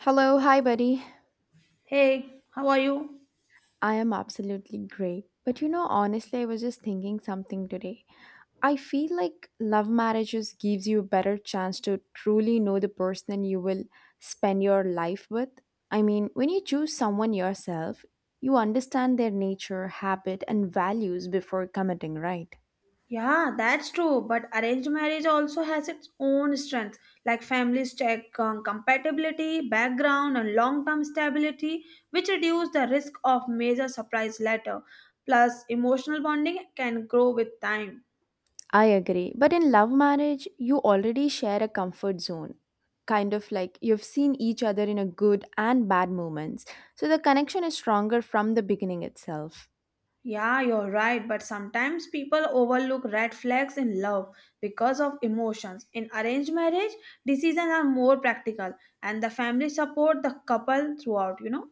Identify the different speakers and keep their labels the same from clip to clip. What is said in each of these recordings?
Speaker 1: Hello, hi buddy.
Speaker 2: Hey, how are you?
Speaker 1: I am absolutely great. But you know, honestly, I was just thinking something today. I feel like love marriages gives you a better chance to truly know the person you will spend your life with. I mean, when you choose someone yourself, you understand their nature, habit, and values before committing, right?
Speaker 2: Yeah, that's true. But arranged marriage also has its own strengths, like families check compatibility, background, and long term stability, which reduce the risk of major surprise later. Plus, emotional bonding can grow with time.
Speaker 1: I agree. But in love marriage, you already share a comfort zone. Kind of like you've seen each other in a good and bad moments. So the connection is stronger from the beginning itself.
Speaker 2: Yeah, you're right, but sometimes people overlook red flags in love because of emotions. In arranged marriage, decisions are more practical and the family support the couple throughout, you know.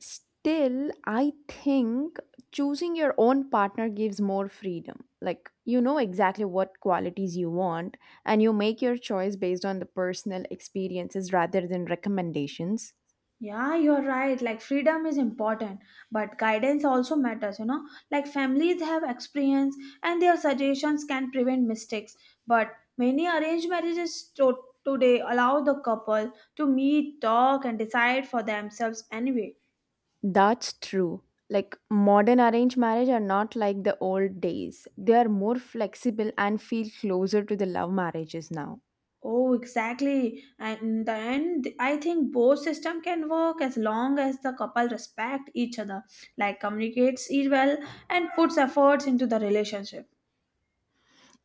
Speaker 1: Still, I think choosing your own partner gives more freedom. Like you know exactly what qualities you want and you make your choice based on the personal experiences rather than recommendations.
Speaker 2: Yeah, you're right. Like freedom is important, but guidance also matters, you know. Like families have experience and their suggestions can prevent mistakes. But many arranged marriages today allow the couple to meet, talk, and decide for themselves anyway.
Speaker 1: That's true. Like modern arranged marriage are not like the old days. They are more flexible and feel closer to the love marriages now.
Speaker 2: Oh, exactly. And in the end, I think both system can work as long as the couple respect each other, like communicates it well and puts efforts into the relationship.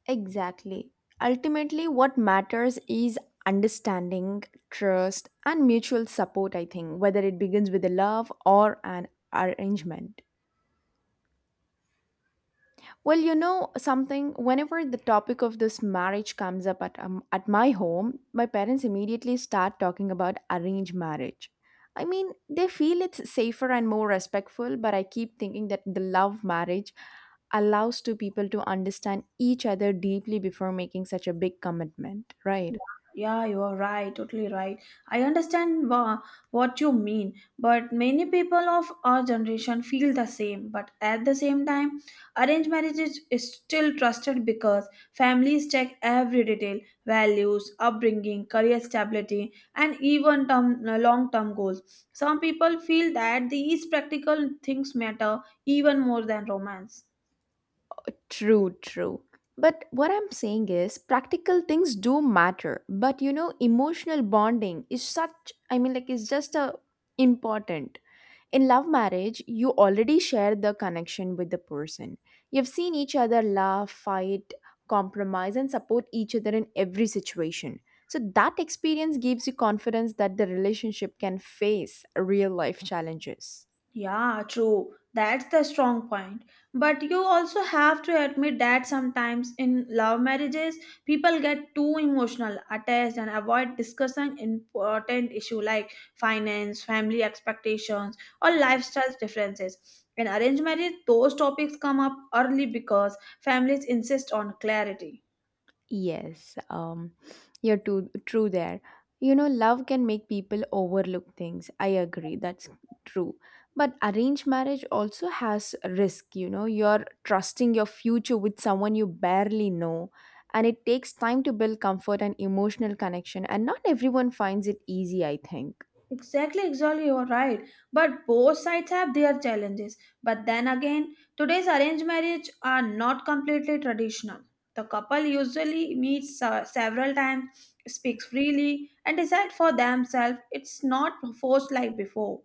Speaker 1: Exactly. Ultimately, what matters is understanding, trust, and mutual support, I think, whether it begins with a love or an arrangement. Well, you know something, whenever the topic of this marriage comes up at my home, my parents immediately start talking about arranged marriage. I mean, they feel it's safer and more respectful, but I keep thinking that the love marriage allows two people to understand each other deeply before making such a big commitment,
Speaker 2: Yeah,
Speaker 1: right?
Speaker 2: yeah, you are right, totally right. I understand what you mean, but many people of our generation feel the same. But at the same time, arranged marriage is still trusted because families check every detail values, upbringing, career stability, and even term, long term goals. Some people feel that these practical things matter even more than romance.
Speaker 1: True, true. But what I'm saying is practical things do matter, but you know, emotional bonding is such, I mean, like, it's just a important. In love marriage, you already share the connection with the person. You've seen each other laugh, fight, compromise, and support each other in every situation. So that experience gives you confidence that the relationship can face real life challenges.
Speaker 2: Yeah, true. That's the strong point. But you also have to admit that sometimes in love marriages, people get too emotional, attached, and avoid discussing important issue like finance, family expectations, or lifestyle differences. In arranged marriage, those topics come up early because families insist on clarity.
Speaker 1: Yes, you're too true there. You know, love can make people overlook things. I agree, that's true. But arranged marriage also has risk, you know. You're trusting your future with someone you barely know, and it takes time to build comfort and emotional connection, and not everyone finds it easy, I think.
Speaker 2: Exactly, exactly, you're right. But both sides have their challenges. But then again, today's arranged marriage are not completely traditional. The couple usually meets several times, speaks freely, and decide for themselves. It's not forced like before.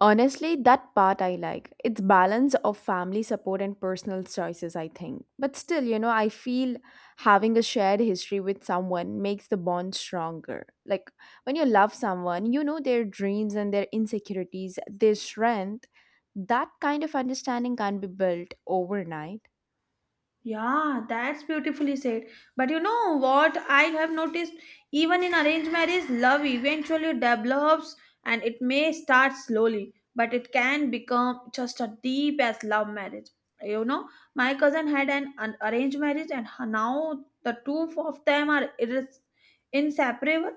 Speaker 1: Honestly, that part I like. It's balance of family support and personal choices, I think. But still, you know, I feel having a shared history with someone makes the bond stronger. Like when you love someone, you know their dreams and their insecurities, their strength. That kind of understanding can't be built overnight.
Speaker 2: Yeah, that's beautifully said. But you know what I have noticed? Even in arranged marriage, love eventually develops and it may start slowly, but it can become just as deep as love marriage. You know, my cousin had an arranged marriage, and now the two of them are inseparable.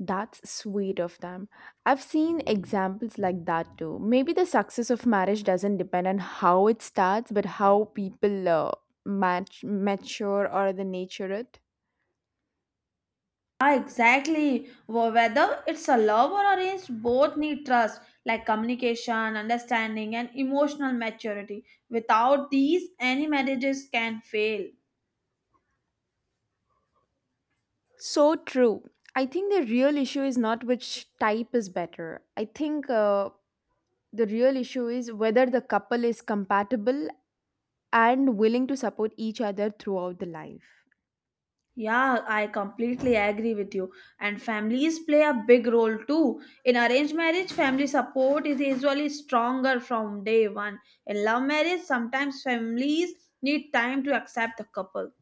Speaker 1: That's sweet of them. I've seen examples like that too. Maybe the success of marriage doesn't depend on how it starts, but how people match, mature or the nature it.
Speaker 2: Ah, exactly. Whether it's a love or arranged, both need trust, like communication, understanding, and emotional maturity. Without these, any marriages can fail.
Speaker 1: So true. I think the real issue is not which type is better. I think the real issue is whether the couple is compatible and willing to support each other throughout the life.
Speaker 2: Yeah, I completely agree with you. And families play a big role too. In arranged marriage, family support is usually stronger from day one. In love marriage, sometimes families need time to accept the couple.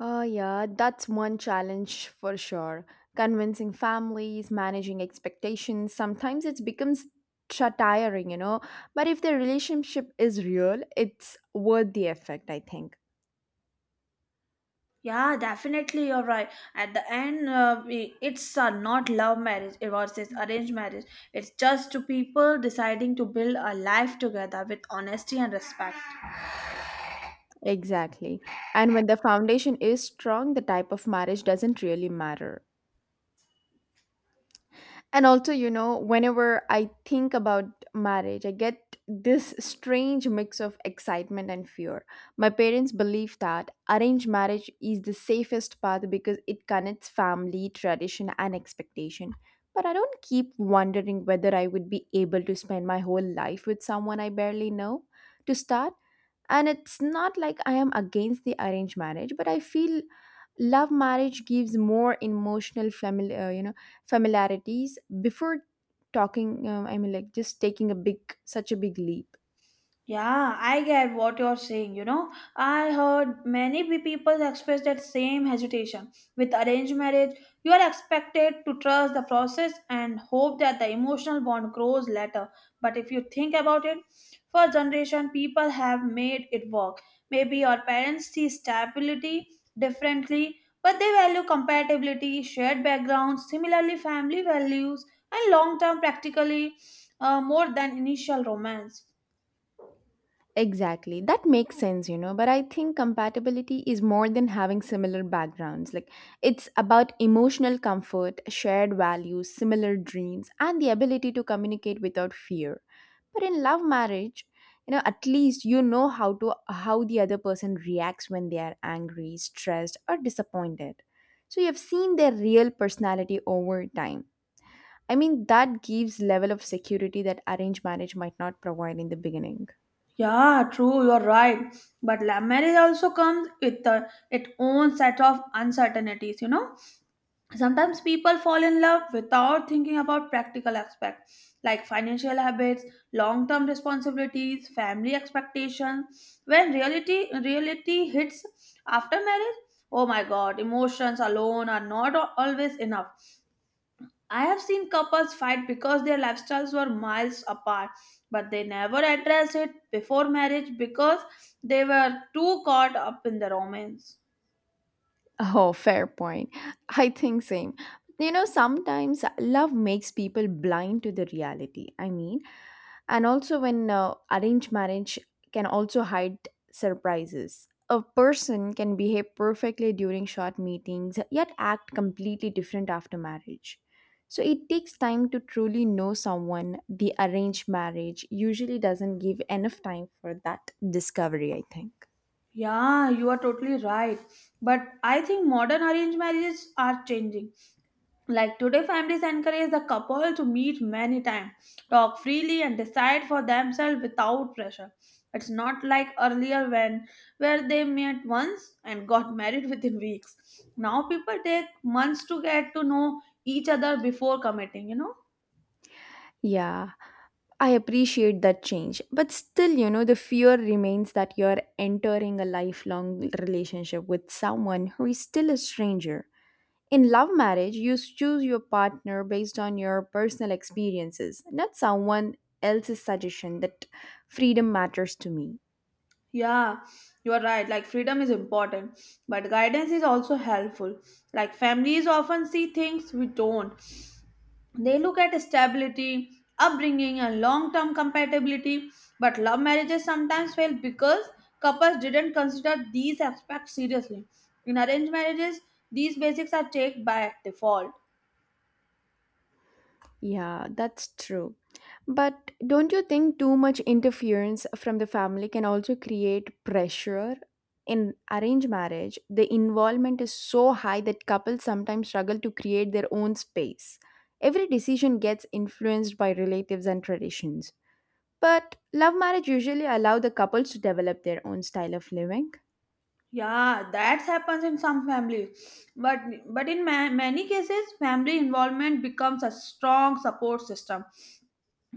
Speaker 1: Oh, yeah, that's one challenge for sure. Convincing families, managing expectations, sometimes it becomes tiring, you know. But if the relationship is real, it's worth the effect, I think.
Speaker 2: Yeah, definitely, you're right. At the end, it's not love marriage, it was this arranged marriage. It's just two people deciding to build a life together with honesty and respect.
Speaker 1: Exactly. And when the foundation is strong, the type of marriage doesn't really matter. And also, you know, whenever I think about marriage, I get this strange mix of excitement and fear. My parents believe that arranged marriage is the safest path because it connects family, tradition, and expectation. But I don't keep wondering whether I would be able to spend my whole life with someone I barely know to start. And it's not like I am against the arranged marriage, but I feel love marriage gives more emotional family, familiarities before talking I mean, like, just taking a big such a big leap.
Speaker 2: Yeah, I get what you're saying. You know, I heard many people express that same hesitation. With arranged marriage, you are expected to trust the process and hope that the emotional bond grows later. But if you think about it, for generation, people have made it work. Maybe your parents see stability differently, but they value compatibility, shared backgrounds, similarly family values, and long-term practically more than initial romance.
Speaker 1: Exactly. That makes sense, you know. But I think compatibility is more than having similar backgrounds. Like, it's about emotional comfort, shared values, similar dreams, and the ability to communicate without fear. But in love marriage, you know, at least you know how the other person reacts when they are angry, stressed, or disappointed. So you have seen their real personality over time. I mean, that gives level of security that arranged marriage might not provide in the beginning.
Speaker 2: Yeah, true, you're right. But love marriage also comes with its own set of uncertainties, you know. Sometimes people fall in love without thinking about practical aspects like financial habits, long-term responsibilities, family expectations. When reality hits after marriage, oh my god, emotions alone are not always enough. I have seen couples fight because their lifestyles were miles apart, but they never addressed it before marriage because they were too caught up in the romance.
Speaker 1: Oh, fair point. I think same. You know, sometimes love makes people blind to the reality. I mean, and also when arranged marriage can also hide surprises. A person can behave perfectly during short meetings, yet act completely different after marriage. So it takes time to truly know someone. The arranged marriage usually doesn't give enough time for that discovery, I think.
Speaker 2: Yeah, you are totally right. But I think modern arranged marriages are changing. Like today, families encourage the couple to meet many times, talk freely, and decide for themselves without pressure. It's not like earlier when where they met once and got married within weeks. Now people take months to get to know each other before committing, you know?
Speaker 1: Yeah. I appreciate that change, but still, you know, the fear remains that you're entering a lifelong relationship with someone who is still a stranger. In love marriage, you choose your partner based on your personal experiences, not someone else's suggestion that freedom matters to me.
Speaker 2: Yeah, you are right. Like freedom is important, but guidance is also helpful. Like families often see things we don't. They look at stability, upbringing, and long term compatibility, but love marriages sometimes fail because couples didn't consider these aspects seriously. In arranged marriages, these basics are taken by default.
Speaker 1: Yeah, that's true. But don't you think too much interference from the family can also create pressure? In arranged marriage, the involvement is so high that couples sometimes struggle to create their own space. Every decision gets influenced by relatives and traditions. But love marriage usually allow the couples to develop their own style of living.
Speaker 2: Yeah, that happens in some families, but in many cases, family involvement becomes a strong support system.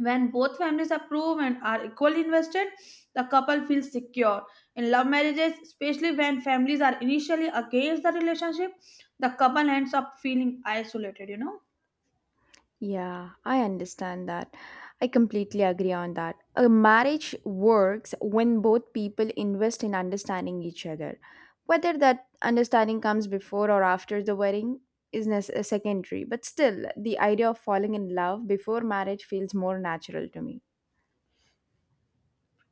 Speaker 2: When both families approve and are equally invested, the couple feels secure. In love marriages, especially when families are initially against the relationship, the couple ends up feeling isolated, you know?
Speaker 1: Yeah, I understand that. I completely agree on that. A marriage works when both people invest in understanding each other. Whether that understanding comes before or after the wedding is secondary, but still, the idea of falling in love before marriage feels more natural to me.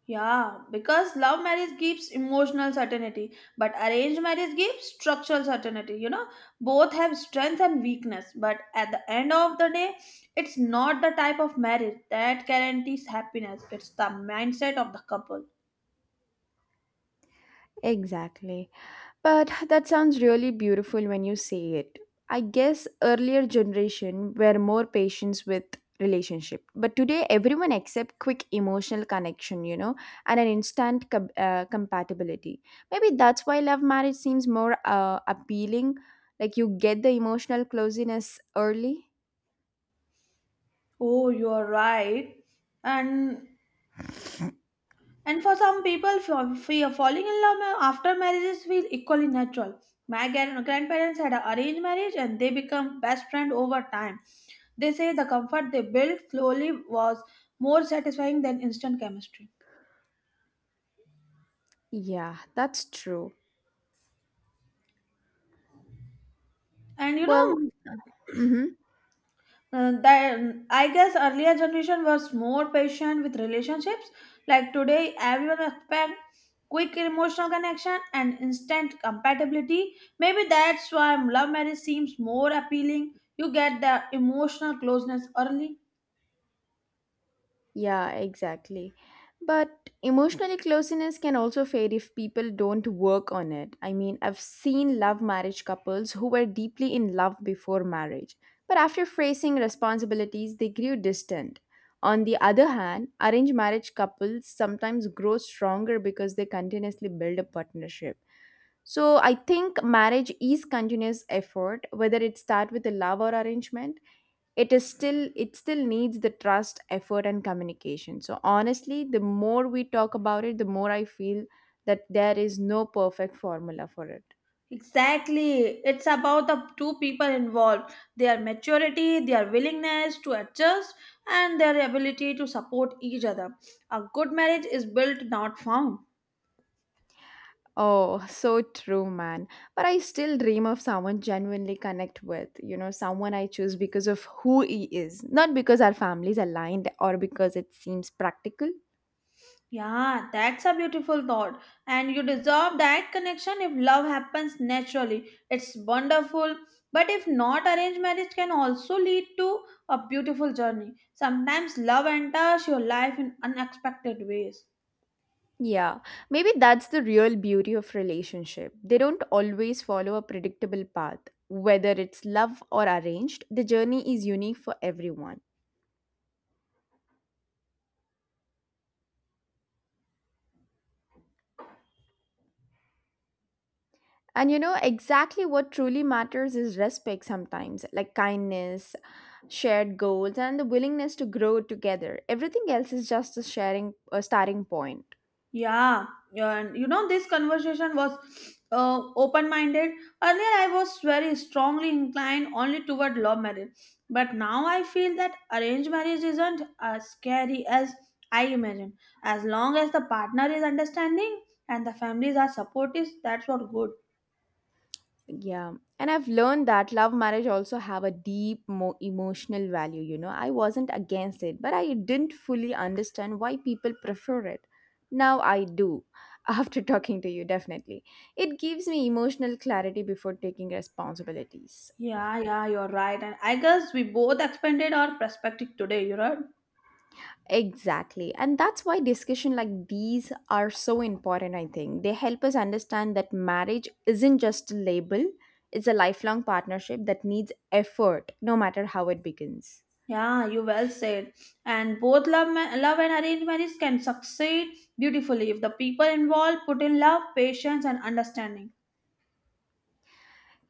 Speaker 2: Yeah, because love marriage gives emotional certainty, but arranged marriage gives structural certainty, you know? Both have strength and weakness, but at the end of the day, it's not the type of marriage that guarantees happiness, it's the mindset of the couple.
Speaker 1: Exactly. But that sounds really beautiful when you say it. I guess earlier generation were more patient with relationship, but today everyone accept quick emotional connection, you know, and an instant compatibility. Maybe that's why love marriage seems more appealing. Like you get the emotional closeness early.
Speaker 2: Oh, you're right. And and for some people, fear falling in love after marriages feel equally natural. My grandparents had an arranged marriage, and they become best friend over time. They say the comfort they built slowly was more satisfying than instant chemistry.
Speaker 1: Yeah, that's true.
Speaker 2: And you
Speaker 1: Well,
Speaker 2: know,
Speaker 1: mm-hmm.
Speaker 2: That I guess earlier generation was more patient with relationships. Like today, everyone expect quick emotional connection and instant compatibility. Maybe that's why love marriage seems more appealing. You get the emotional closeness early.
Speaker 1: Yeah, exactly. But emotional closeness can also fade if people don't work on it. I mean, I've seen love marriage couples who were deeply in love before marriage, but after facing responsibilities, they grew distant. On the other hand, arranged marriage couples sometimes grow stronger because they continuously build a partnership. So I think marriage is continuous effort, whether it start with a love or arrangement, it is still, it still needs the trust effort and communication. So honestly, the more we talk about it, the more I feel that there is no perfect formula for it.
Speaker 2: Exactly. It's about the two people involved, their maturity, their willingness to adjust, and their ability to support each other. A good marriage is built, not found.
Speaker 1: Oh, so true, man. But I still dream of someone genuinely connect with, you know, someone I choose because of who he is, not because our families aligned or because it seems practical.
Speaker 2: Yeah, that's a beautiful thought. And you deserve that connection if love happens naturally. It's wonderful. But if not, arranged marriage can also lead to a beautiful journey. Sometimes love enters your life in unexpected ways.
Speaker 1: Yeah, maybe that's the real beauty of relationship. They don't always follow a predictable path. Whether it's love or arranged, the journey is unique for everyone. And you know, exactly what truly matters is respect sometimes, like kindness, shared goals, and the willingness to grow together. Everything else is just a sharing a starting point.
Speaker 2: Yeah, and you know, this conversation was open minded. Earlier, I was very strongly inclined only toward love marriage, but now I feel that arranged marriage isn't as scary as I imagined. As long as the partner is understanding and the families are supportive, that's what good.
Speaker 1: Yeah, and I've learned that love marriage also have a deep emotional value, you know. I wasn't against it, but I didn't fully understand why people prefer it. Now I do, after talking to you, definitely. It gives me emotional clarity before taking responsibilities.
Speaker 2: Yeah, yeah, you're right. And I guess we both expanded our perspective today, you know.
Speaker 1: Exactly. And that's why discussion like these are so important, I think. They help us understand that marriage isn't just a label, it's a lifelong partnership that needs effort, no matter how it begins.
Speaker 2: Yeah, you well said. And both love and arranged marriage can succeed beautifully if the people involved put in love, patience, and understanding.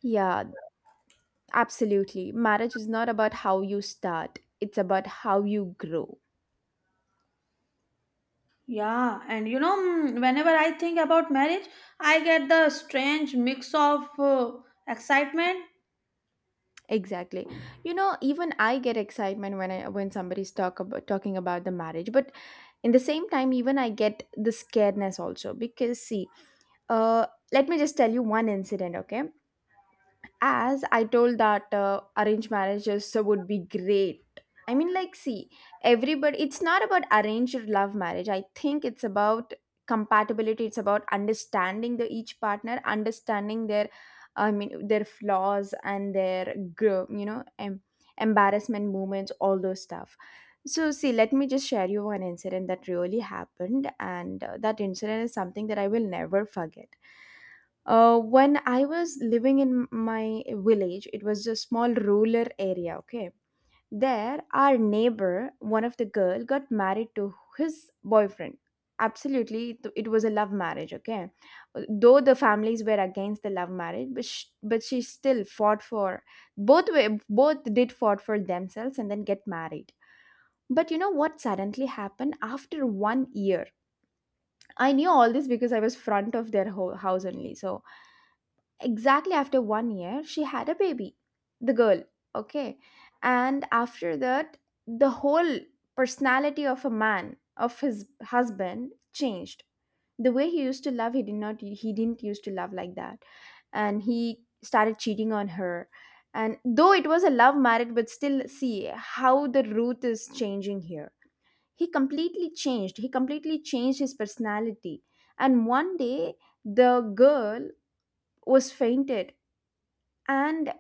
Speaker 1: Yeah, absolutely. Marriage is not about how you start, it's about how you grow.
Speaker 2: Yeah, and you know, whenever I think about marriage, I get the strange mix of excitement.
Speaker 1: Exactly. You know, even I get excitement when I when somebody's talking about the marriage, but in the same time, even I get the scaredness also because see, uh, let me just tell you one incident, okay? As I told that, arranged marriages would be great. I mean, like, see, everybody, it's not about arranged love marriage, I think it's about compatibility, it's about understanding the each partner, understanding their, I mean, their flaws and their embarrassment moments, all those stuff. So see, let me just share you one incident that really happened, and that incident is something that I will never forget. When I was living in my village, it was a small rural area, okay? There, our neighbor, one of the girl, got married to his boyfriend. Absolutely, it was a love marriage, okay? Though the families were against the love marriage, but she, still fought for both way, both did fought for themselves and then get married. But you know what suddenly happened after one year? I knew all this because I was front of their ho house only. So exactly after one year she had a baby, the girl, okay. And after that the whole personality of a man of his husband changed. The way he used to love, he did not he didn't used to love like that, and he started cheating on her. And though it was a love marriage, but still, see how the root is changing here. He completely changed, he completely changed his personality. And one day the girl was fainted, and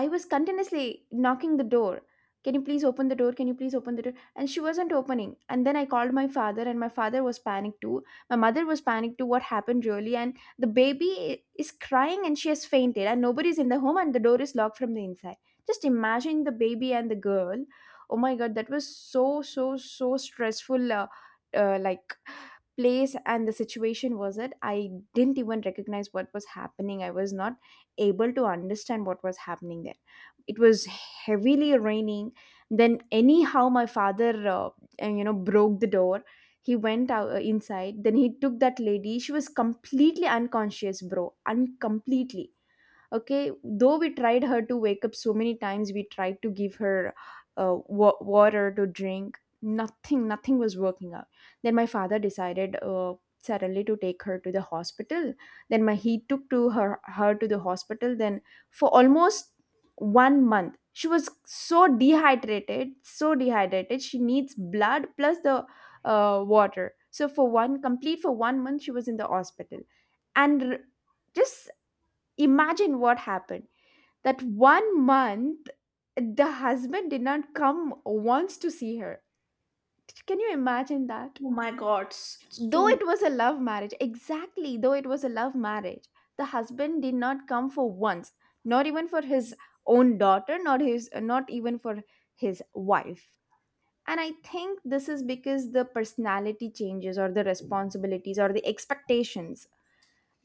Speaker 1: I was continuously knocking the door. Can you please open the door, can you please open the door? And she wasn't opening, and then I called my father, and my father was panicked too. My mother was panicked too. What happened really? And the baby is crying and she has fainted and nobody's in the home and the door is locked from the inside. Just imagine, the baby and the girl. Oh my god, that was so, so, so stressful. Like place and the situation was that I didn't even recognize what was happening. I was not able to understand what was happening there. It was heavily raining. Then, anyhow, my father, broke the door. He went out, inside. Then he took that lady. She was completely unconscious, bro. Completely. Okay, though we tried her to wake up so many times, we tried to give her water to drink. Nothing was working out. Then my father decided suddenly to take her to the hospital. Then my he took to her her to the hospital. Then for almost one month, she was so dehydrated, so dehydrated, she needs blood plus the water. So for one complete for one month she was in the hospital. And r- just Imagine what happened. That one month, the husband did not come once to see her. Can you imagine that?
Speaker 2: Oh my God, it's
Speaker 1: Though
Speaker 2: too.
Speaker 1: it was a love marriage, exactly, though it was a love marriage, the husband did not come for once, not even for his own daughter, not even for his wife. And I think this is because the personality changes or the responsibilities or the expectations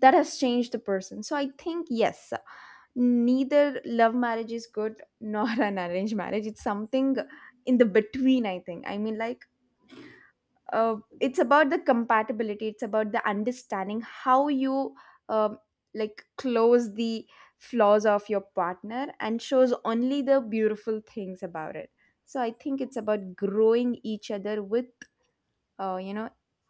Speaker 1: that has changed the person. So I think yes, neither love marriage is good nor an arranged marriage. It's something in the between, I think. It's about the compatibility, it's about the understanding. How you um, like close the flaws of your partner and shows only the beautiful things about it. So I think it's about growing each other with, you know,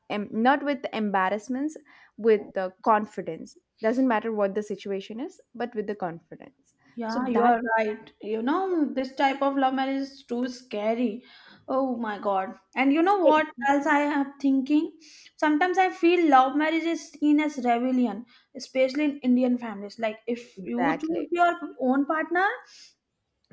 Speaker 1: not with embarrassments, with the confidence. Doesn't matter what the situation is, but with the confidence, so
Speaker 2: Yeah, you
Speaker 1: that.
Speaker 2: are right. You know, this type of love marriage is too scary. Oh my God. And you know what else I am thinking? Sometimes I feel love marriage is seen as rebellion, especially in Indian families. Like, if you choose
Speaker 1: Exactly.
Speaker 2: your own partner,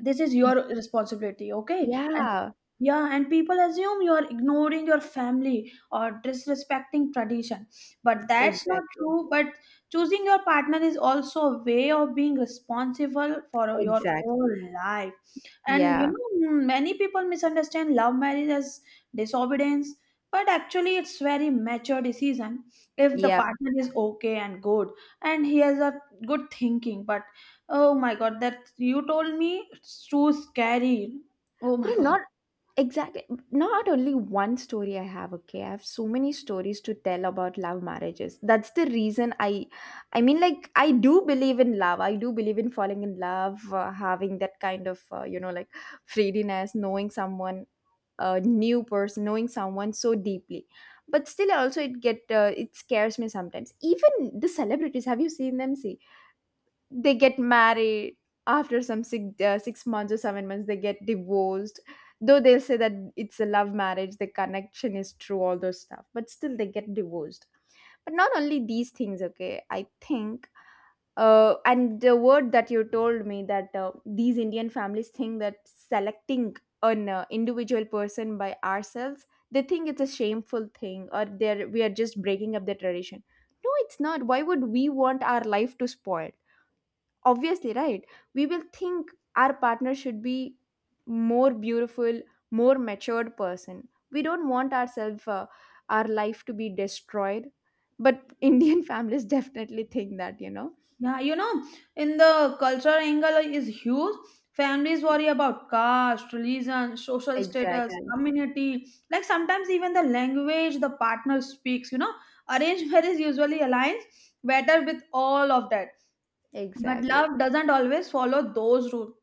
Speaker 2: this is your responsibility, okay, and
Speaker 1: Yeah.
Speaker 2: yeah, and people assume you are ignoring your family or disrespecting tradition, but that's not
Speaker 1: Exactly.
Speaker 2: true. But choosing your partner is also a way of being responsible for your whole
Speaker 1: Exactly.
Speaker 2: life. And you
Speaker 1: Yeah,
Speaker 2: know, many people misunderstand love marriage as disobedience, but actually it's very mature decision if the
Speaker 1: yeah.
Speaker 2: partner is okay and good and he has a good thinking. But oh my god, that you told me it's too scary. Oh
Speaker 1: But
Speaker 2: my god.
Speaker 1: not. Exactly. Not only one story I have, okay. I have so many stories to tell about love marriages. That's the reason I mean, like, I do believe in love. I do believe in falling in love, having that kind of, you know, like, freediness, knowing someone, a new person, knowing someone so deeply. But still also it get it scares me sometimes. Even the celebrities, have you seen them? See, they get married, after some 6 months or 7 months they get divorced. Though they'll say that it's a love marriage, the connection is true, all those stuff, but still they get divorced. But not only these things, okay. I think, and the word that you told me, that these Indian families think that selecting an individual person by ourselves, they think it's a shameful thing, or they're we are just breaking up the tradition. No, it's not. Why would we want our life to spoil? Obviously, right? We will think our partner should be more beautiful, more matured person. We don't want ourselves, our life to be destroyed. But Indian families definitely think that, you know.
Speaker 2: Yeah, you know, in the cultural angle is huge. Families worry about caste, religion, social status,
Speaker 1: Exactly.
Speaker 2: community, like sometimes even the language the partner speaks, you know. Arranged marriage usually aligns better with all of that. But
Speaker 1: Exactly.
Speaker 2: love doesn't always follow those rules.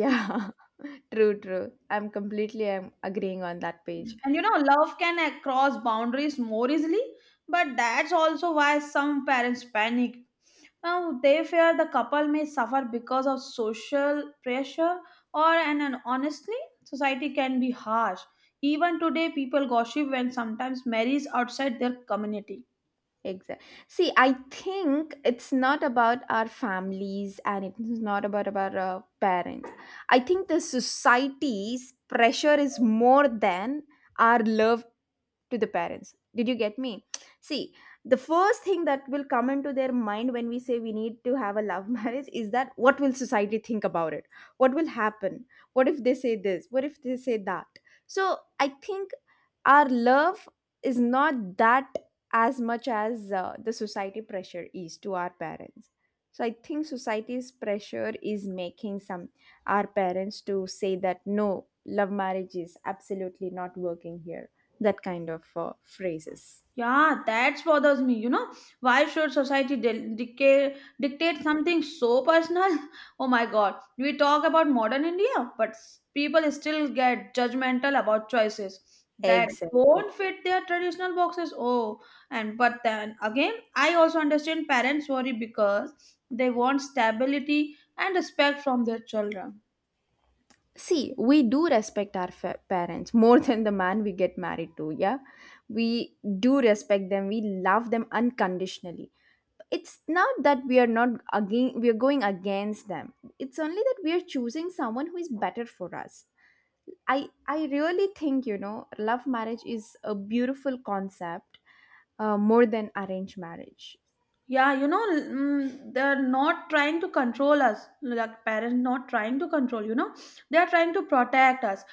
Speaker 1: Yeah. True, true. I'm completely, I'm agreeing on that page.
Speaker 2: And you know, love can cross boundaries more easily, but that's also why some parents panic. Now, they fear the couple may suffer because of social pressure and honestly, society can be harsh. Even today, people gossip when sometimes marries outside their community.
Speaker 1: Exactly. See, I think it's not about our families and it's not about our parents. I think the society's pressure is more than our love to the parents. Did you get me? See, the first thing that will come into their mind when we say we need to have a love marriage is that, what will society think about it? What will happen? What if they say this, what if they say that? So I think our love is not that, as much as the society pressure is to our parents. So I think society's pressure is making some, our parents, to say that no, love marriage is absolutely not working here. That kind of phrases.
Speaker 2: Yeah, that bothers me. You know, why should society dictate dictate something so personal? Oh my God, we talk about modern India, but people still get judgmental about choices that
Speaker 1: Exactly.
Speaker 2: don't fit their traditional boxes. Oh, and but then again, I also understand parents worry because they want stability and respect from their children.
Speaker 1: See, we do respect our parents more than the man we get married to. Yeah, we do respect them. We love them unconditionally. It's not that we are not, again, we are going against them. It's only that we are choosing someone who is better for us. I really think, you know, love marriage is a beautiful concept, more than arranged marriage.
Speaker 2: Yeah, you know, they're not trying to control us, like parents not trying to control, you know, they're trying to protect us.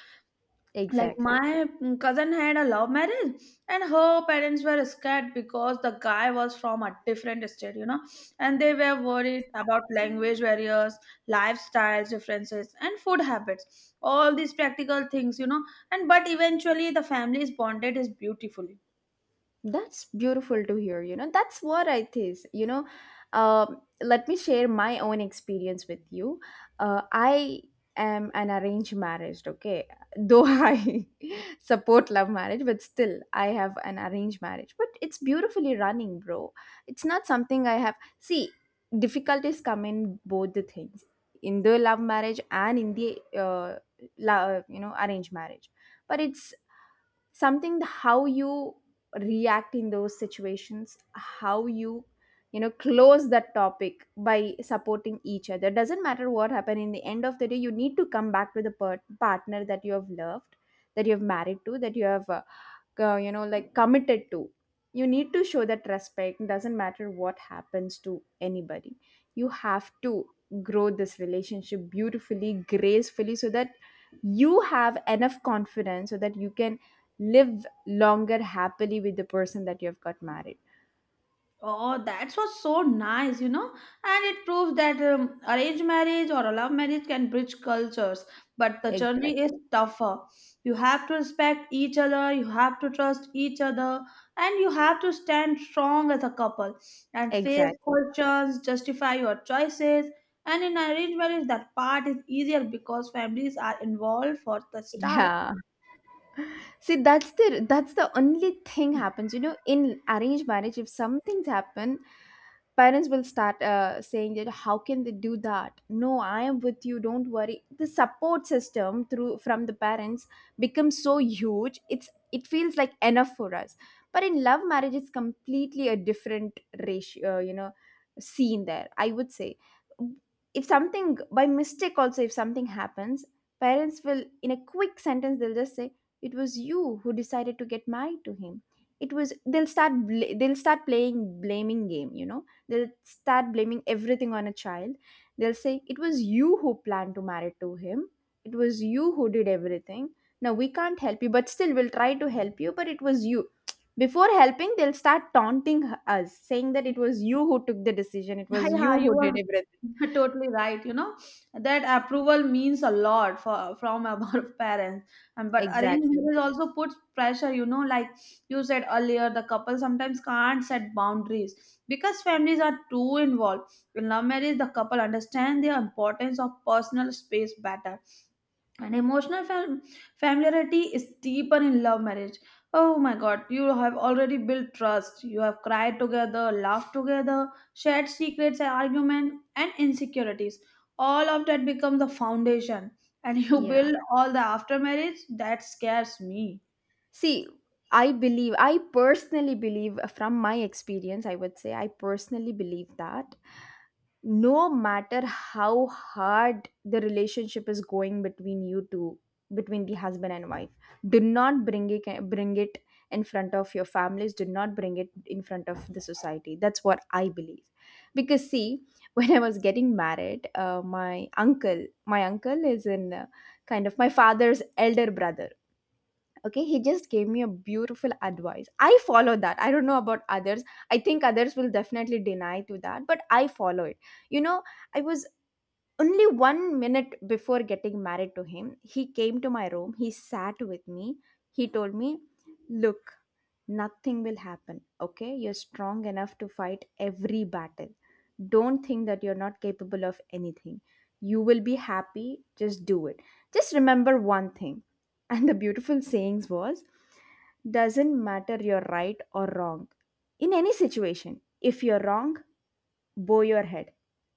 Speaker 2: Like
Speaker 1: Exactly.
Speaker 2: my cousin had a love marriage, and her parents were scared because the guy was from a different state, you know, and they were worried about language barriers, lifestyles differences, and food habits, all these practical things, you know. And but eventually, the families bonded is beautiful.
Speaker 1: That's beautiful to hear. You know, that's what I think. You know, let me share my own experience with you. I am an arranged marriage, okay? Though I support love marriage, but still, I have an arranged marriage. But it's beautifully running, bro. It's not something I have. See, difficulties come in both the things, in the love marriage and in the arranged marriage. But it's something how you react in those situations, how you, you know, close that topic by supporting each other. Doesn't matter what happened, in the end of the day you need to come back to the partner that you have loved, that you have married to, that you have you know, like, committed to. You need to show that respect. Doesn't matter what happens to anybody, you have to grow this relationship beautifully, gracefully, so that you have enough confidence, so that you can live longer happily with the person that you have got married.
Speaker 2: Oh, that was so nice, you know. And it proves that arranged marriage or a love marriage can bridge cultures, but the journey is
Speaker 1: Exactly.
Speaker 2: tougher. You have to respect each other, you have to trust each other, and you have to stand strong as a couple and face
Speaker 1: Exactly.
Speaker 2: questions, justify your choices. And in arranged marriage, that part is easier because families are involved for the start.
Speaker 1: Yeah. See, that's the, that's the only thing happens. You know, in arranged marriage, if some things happen, parents will start saying that, how can they do that? No, I am with you. Don't worry. The support system through from the parents becomes so huge. It's, it feels like enough for us. But in love marriage, it's completely a different ratio. You know, scene there. I would say, if something by mistake also, if something happens, parents will, in a quick sentence, they'll just say, it was you who decided to get married to him. It was, they'll start they'll start playing blaming game, you know. They'll start blaming everything on a child. They'll say, it was you who planned to marry to him, it was you who did everything. Now we can't help you, but still we'll try to help you, but it was you. Before helping, they'll start taunting us, saying that it was you who took the decision, it
Speaker 2: Yeah,
Speaker 1: was
Speaker 2: yeah,
Speaker 1: you who
Speaker 2: you
Speaker 1: did
Speaker 2: are
Speaker 1: everything.
Speaker 2: totally right. You know that approval means a lot for from our parents, and but arranged
Speaker 1: Exactly.
Speaker 2: marriage also puts pressure. You know, like you said earlier, the couple sometimes can't set boundaries because families are too involved. In love marriage, the couple understand the importance of personal space better and emotional familiarity is deeper in love marriage. Oh my god, you have already built trust, you have cried together, laughed together, shared secrets and argument and insecurities. All of that becomes the foundation. And you
Speaker 1: Yeah.
Speaker 2: build all the after marriage that scares me.
Speaker 1: See, I believe, I personally believe from my experience, I would say, I personally believe that no matter how hard the relationship is going between you two, between the husband and wife, do not bring it in front of your families, do not bring it in front of the society. That's what I believe. Because, see, when I was getting married, my uncle is in, kind of, my father's elder brother, okay. He just gave me a beautiful advice. I follow that. I don't know about others. I think others will definitely deny to that, but I follow it. You know, I was, only one minute before getting married to him, he came to my room, he sat with me, he told me, look, nothing will happen. Okay, you're strong enough to fight every battle. Don't think that you're not capable of anything. You will be happy, just do it. Just remember one thing. And the beautiful sayings was, doesn't matter you're right or wrong, in any situation, if you're wrong, bow your head.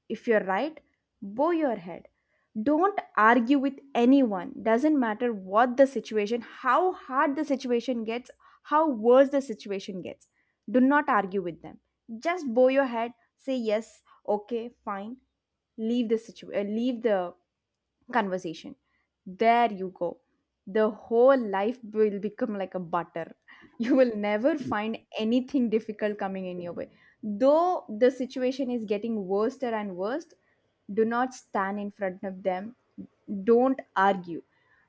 Speaker 1: If you're right, bow your head. Don't argue with anyone. Doesn't matter what the situation, how hard the situation gets, how worse the situation gets. Do not argue with them. Just bow your head, say yes, okay, fine, leave the situation, leave the conversation. There you go. The whole life will become like a butter. You will never find anything difficult coming in your way. Though the situation is getting worse and worse, do not stand in front of them, don't argue.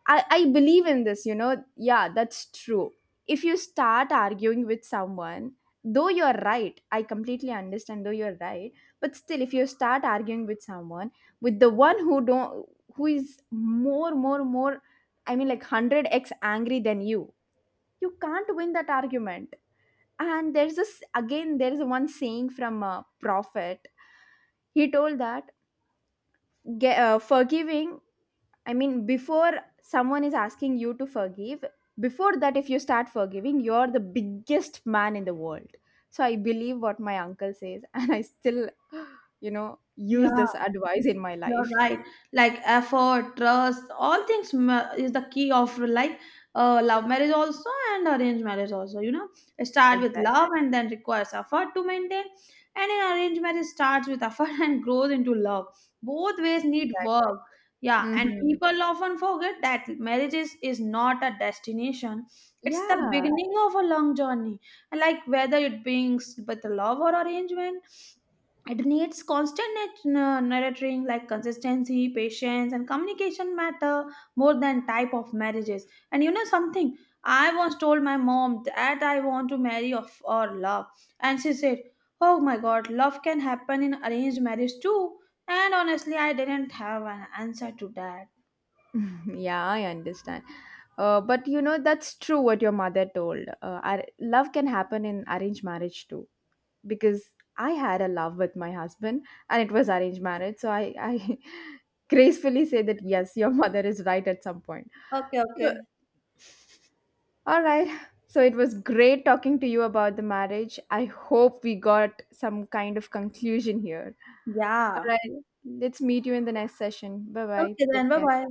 Speaker 1: I believe in this, you know. Yeah, that's true. If you start arguing with someone, though you're right, I completely understand, though you're right, but still, if you start arguing with someone, with the one who don't, who is more, I mean, like, 100x angry than you, you can't win that argument. And there's this, again, there's one saying from a prophet. He told that, forgiving, I mean, before someone is asking you to forgive, before that, if you start forgiving, you're the biggest man in the world. So I believe what my uncle says, and I still, you know, use
Speaker 2: Yeah,
Speaker 1: this advice in my
Speaker 2: you're
Speaker 1: life.
Speaker 2: right. Like effort, trust, all things is the key of like love marriage also and arranged marriage also. You know, start with
Speaker 1: Exactly.
Speaker 2: love and then requires effort to maintain. And in arranged marriage starts with effort and grows into love. Both ways need
Speaker 1: Exactly.
Speaker 2: work. Yeah, and
Speaker 1: Hmm.
Speaker 2: people often forget that marriage is not a destination. It's the
Speaker 1: Yeah.
Speaker 2: beginning of a long journey. Like whether it brings with love or arrangement, it needs constant nurturing, like consistency, patience, and communication matter more than type of marriages. And you know something, I once told my mom that I want to marry of or love, and she said, "Oh my God, love can happen in arranged marriage too." And honestly, I didn't have an answer to that.
Speaker 1: Yeah, I understand. But you know, that's true what your mother told. Love can happen in arranged marriage too, because I had a love with my husband and it was arranged marriage. So I gracefully say that yes, your mother is right at some point.
Speaker 2: Okay,
Speaker 1: So,
Speaker 2: okay.
Speaker 1: all right, so it was great talking to you about the marriage. I hope we got some kind of conclusion here. All
Speaker 2: Yeah.
Speaker 1: right, let's meet you in the next session. Bye bye,
Speaker 2: Okay,
Speaker 1: take
Speaker 2: then bye
Speaker 1: care.
Speaker 2: bye.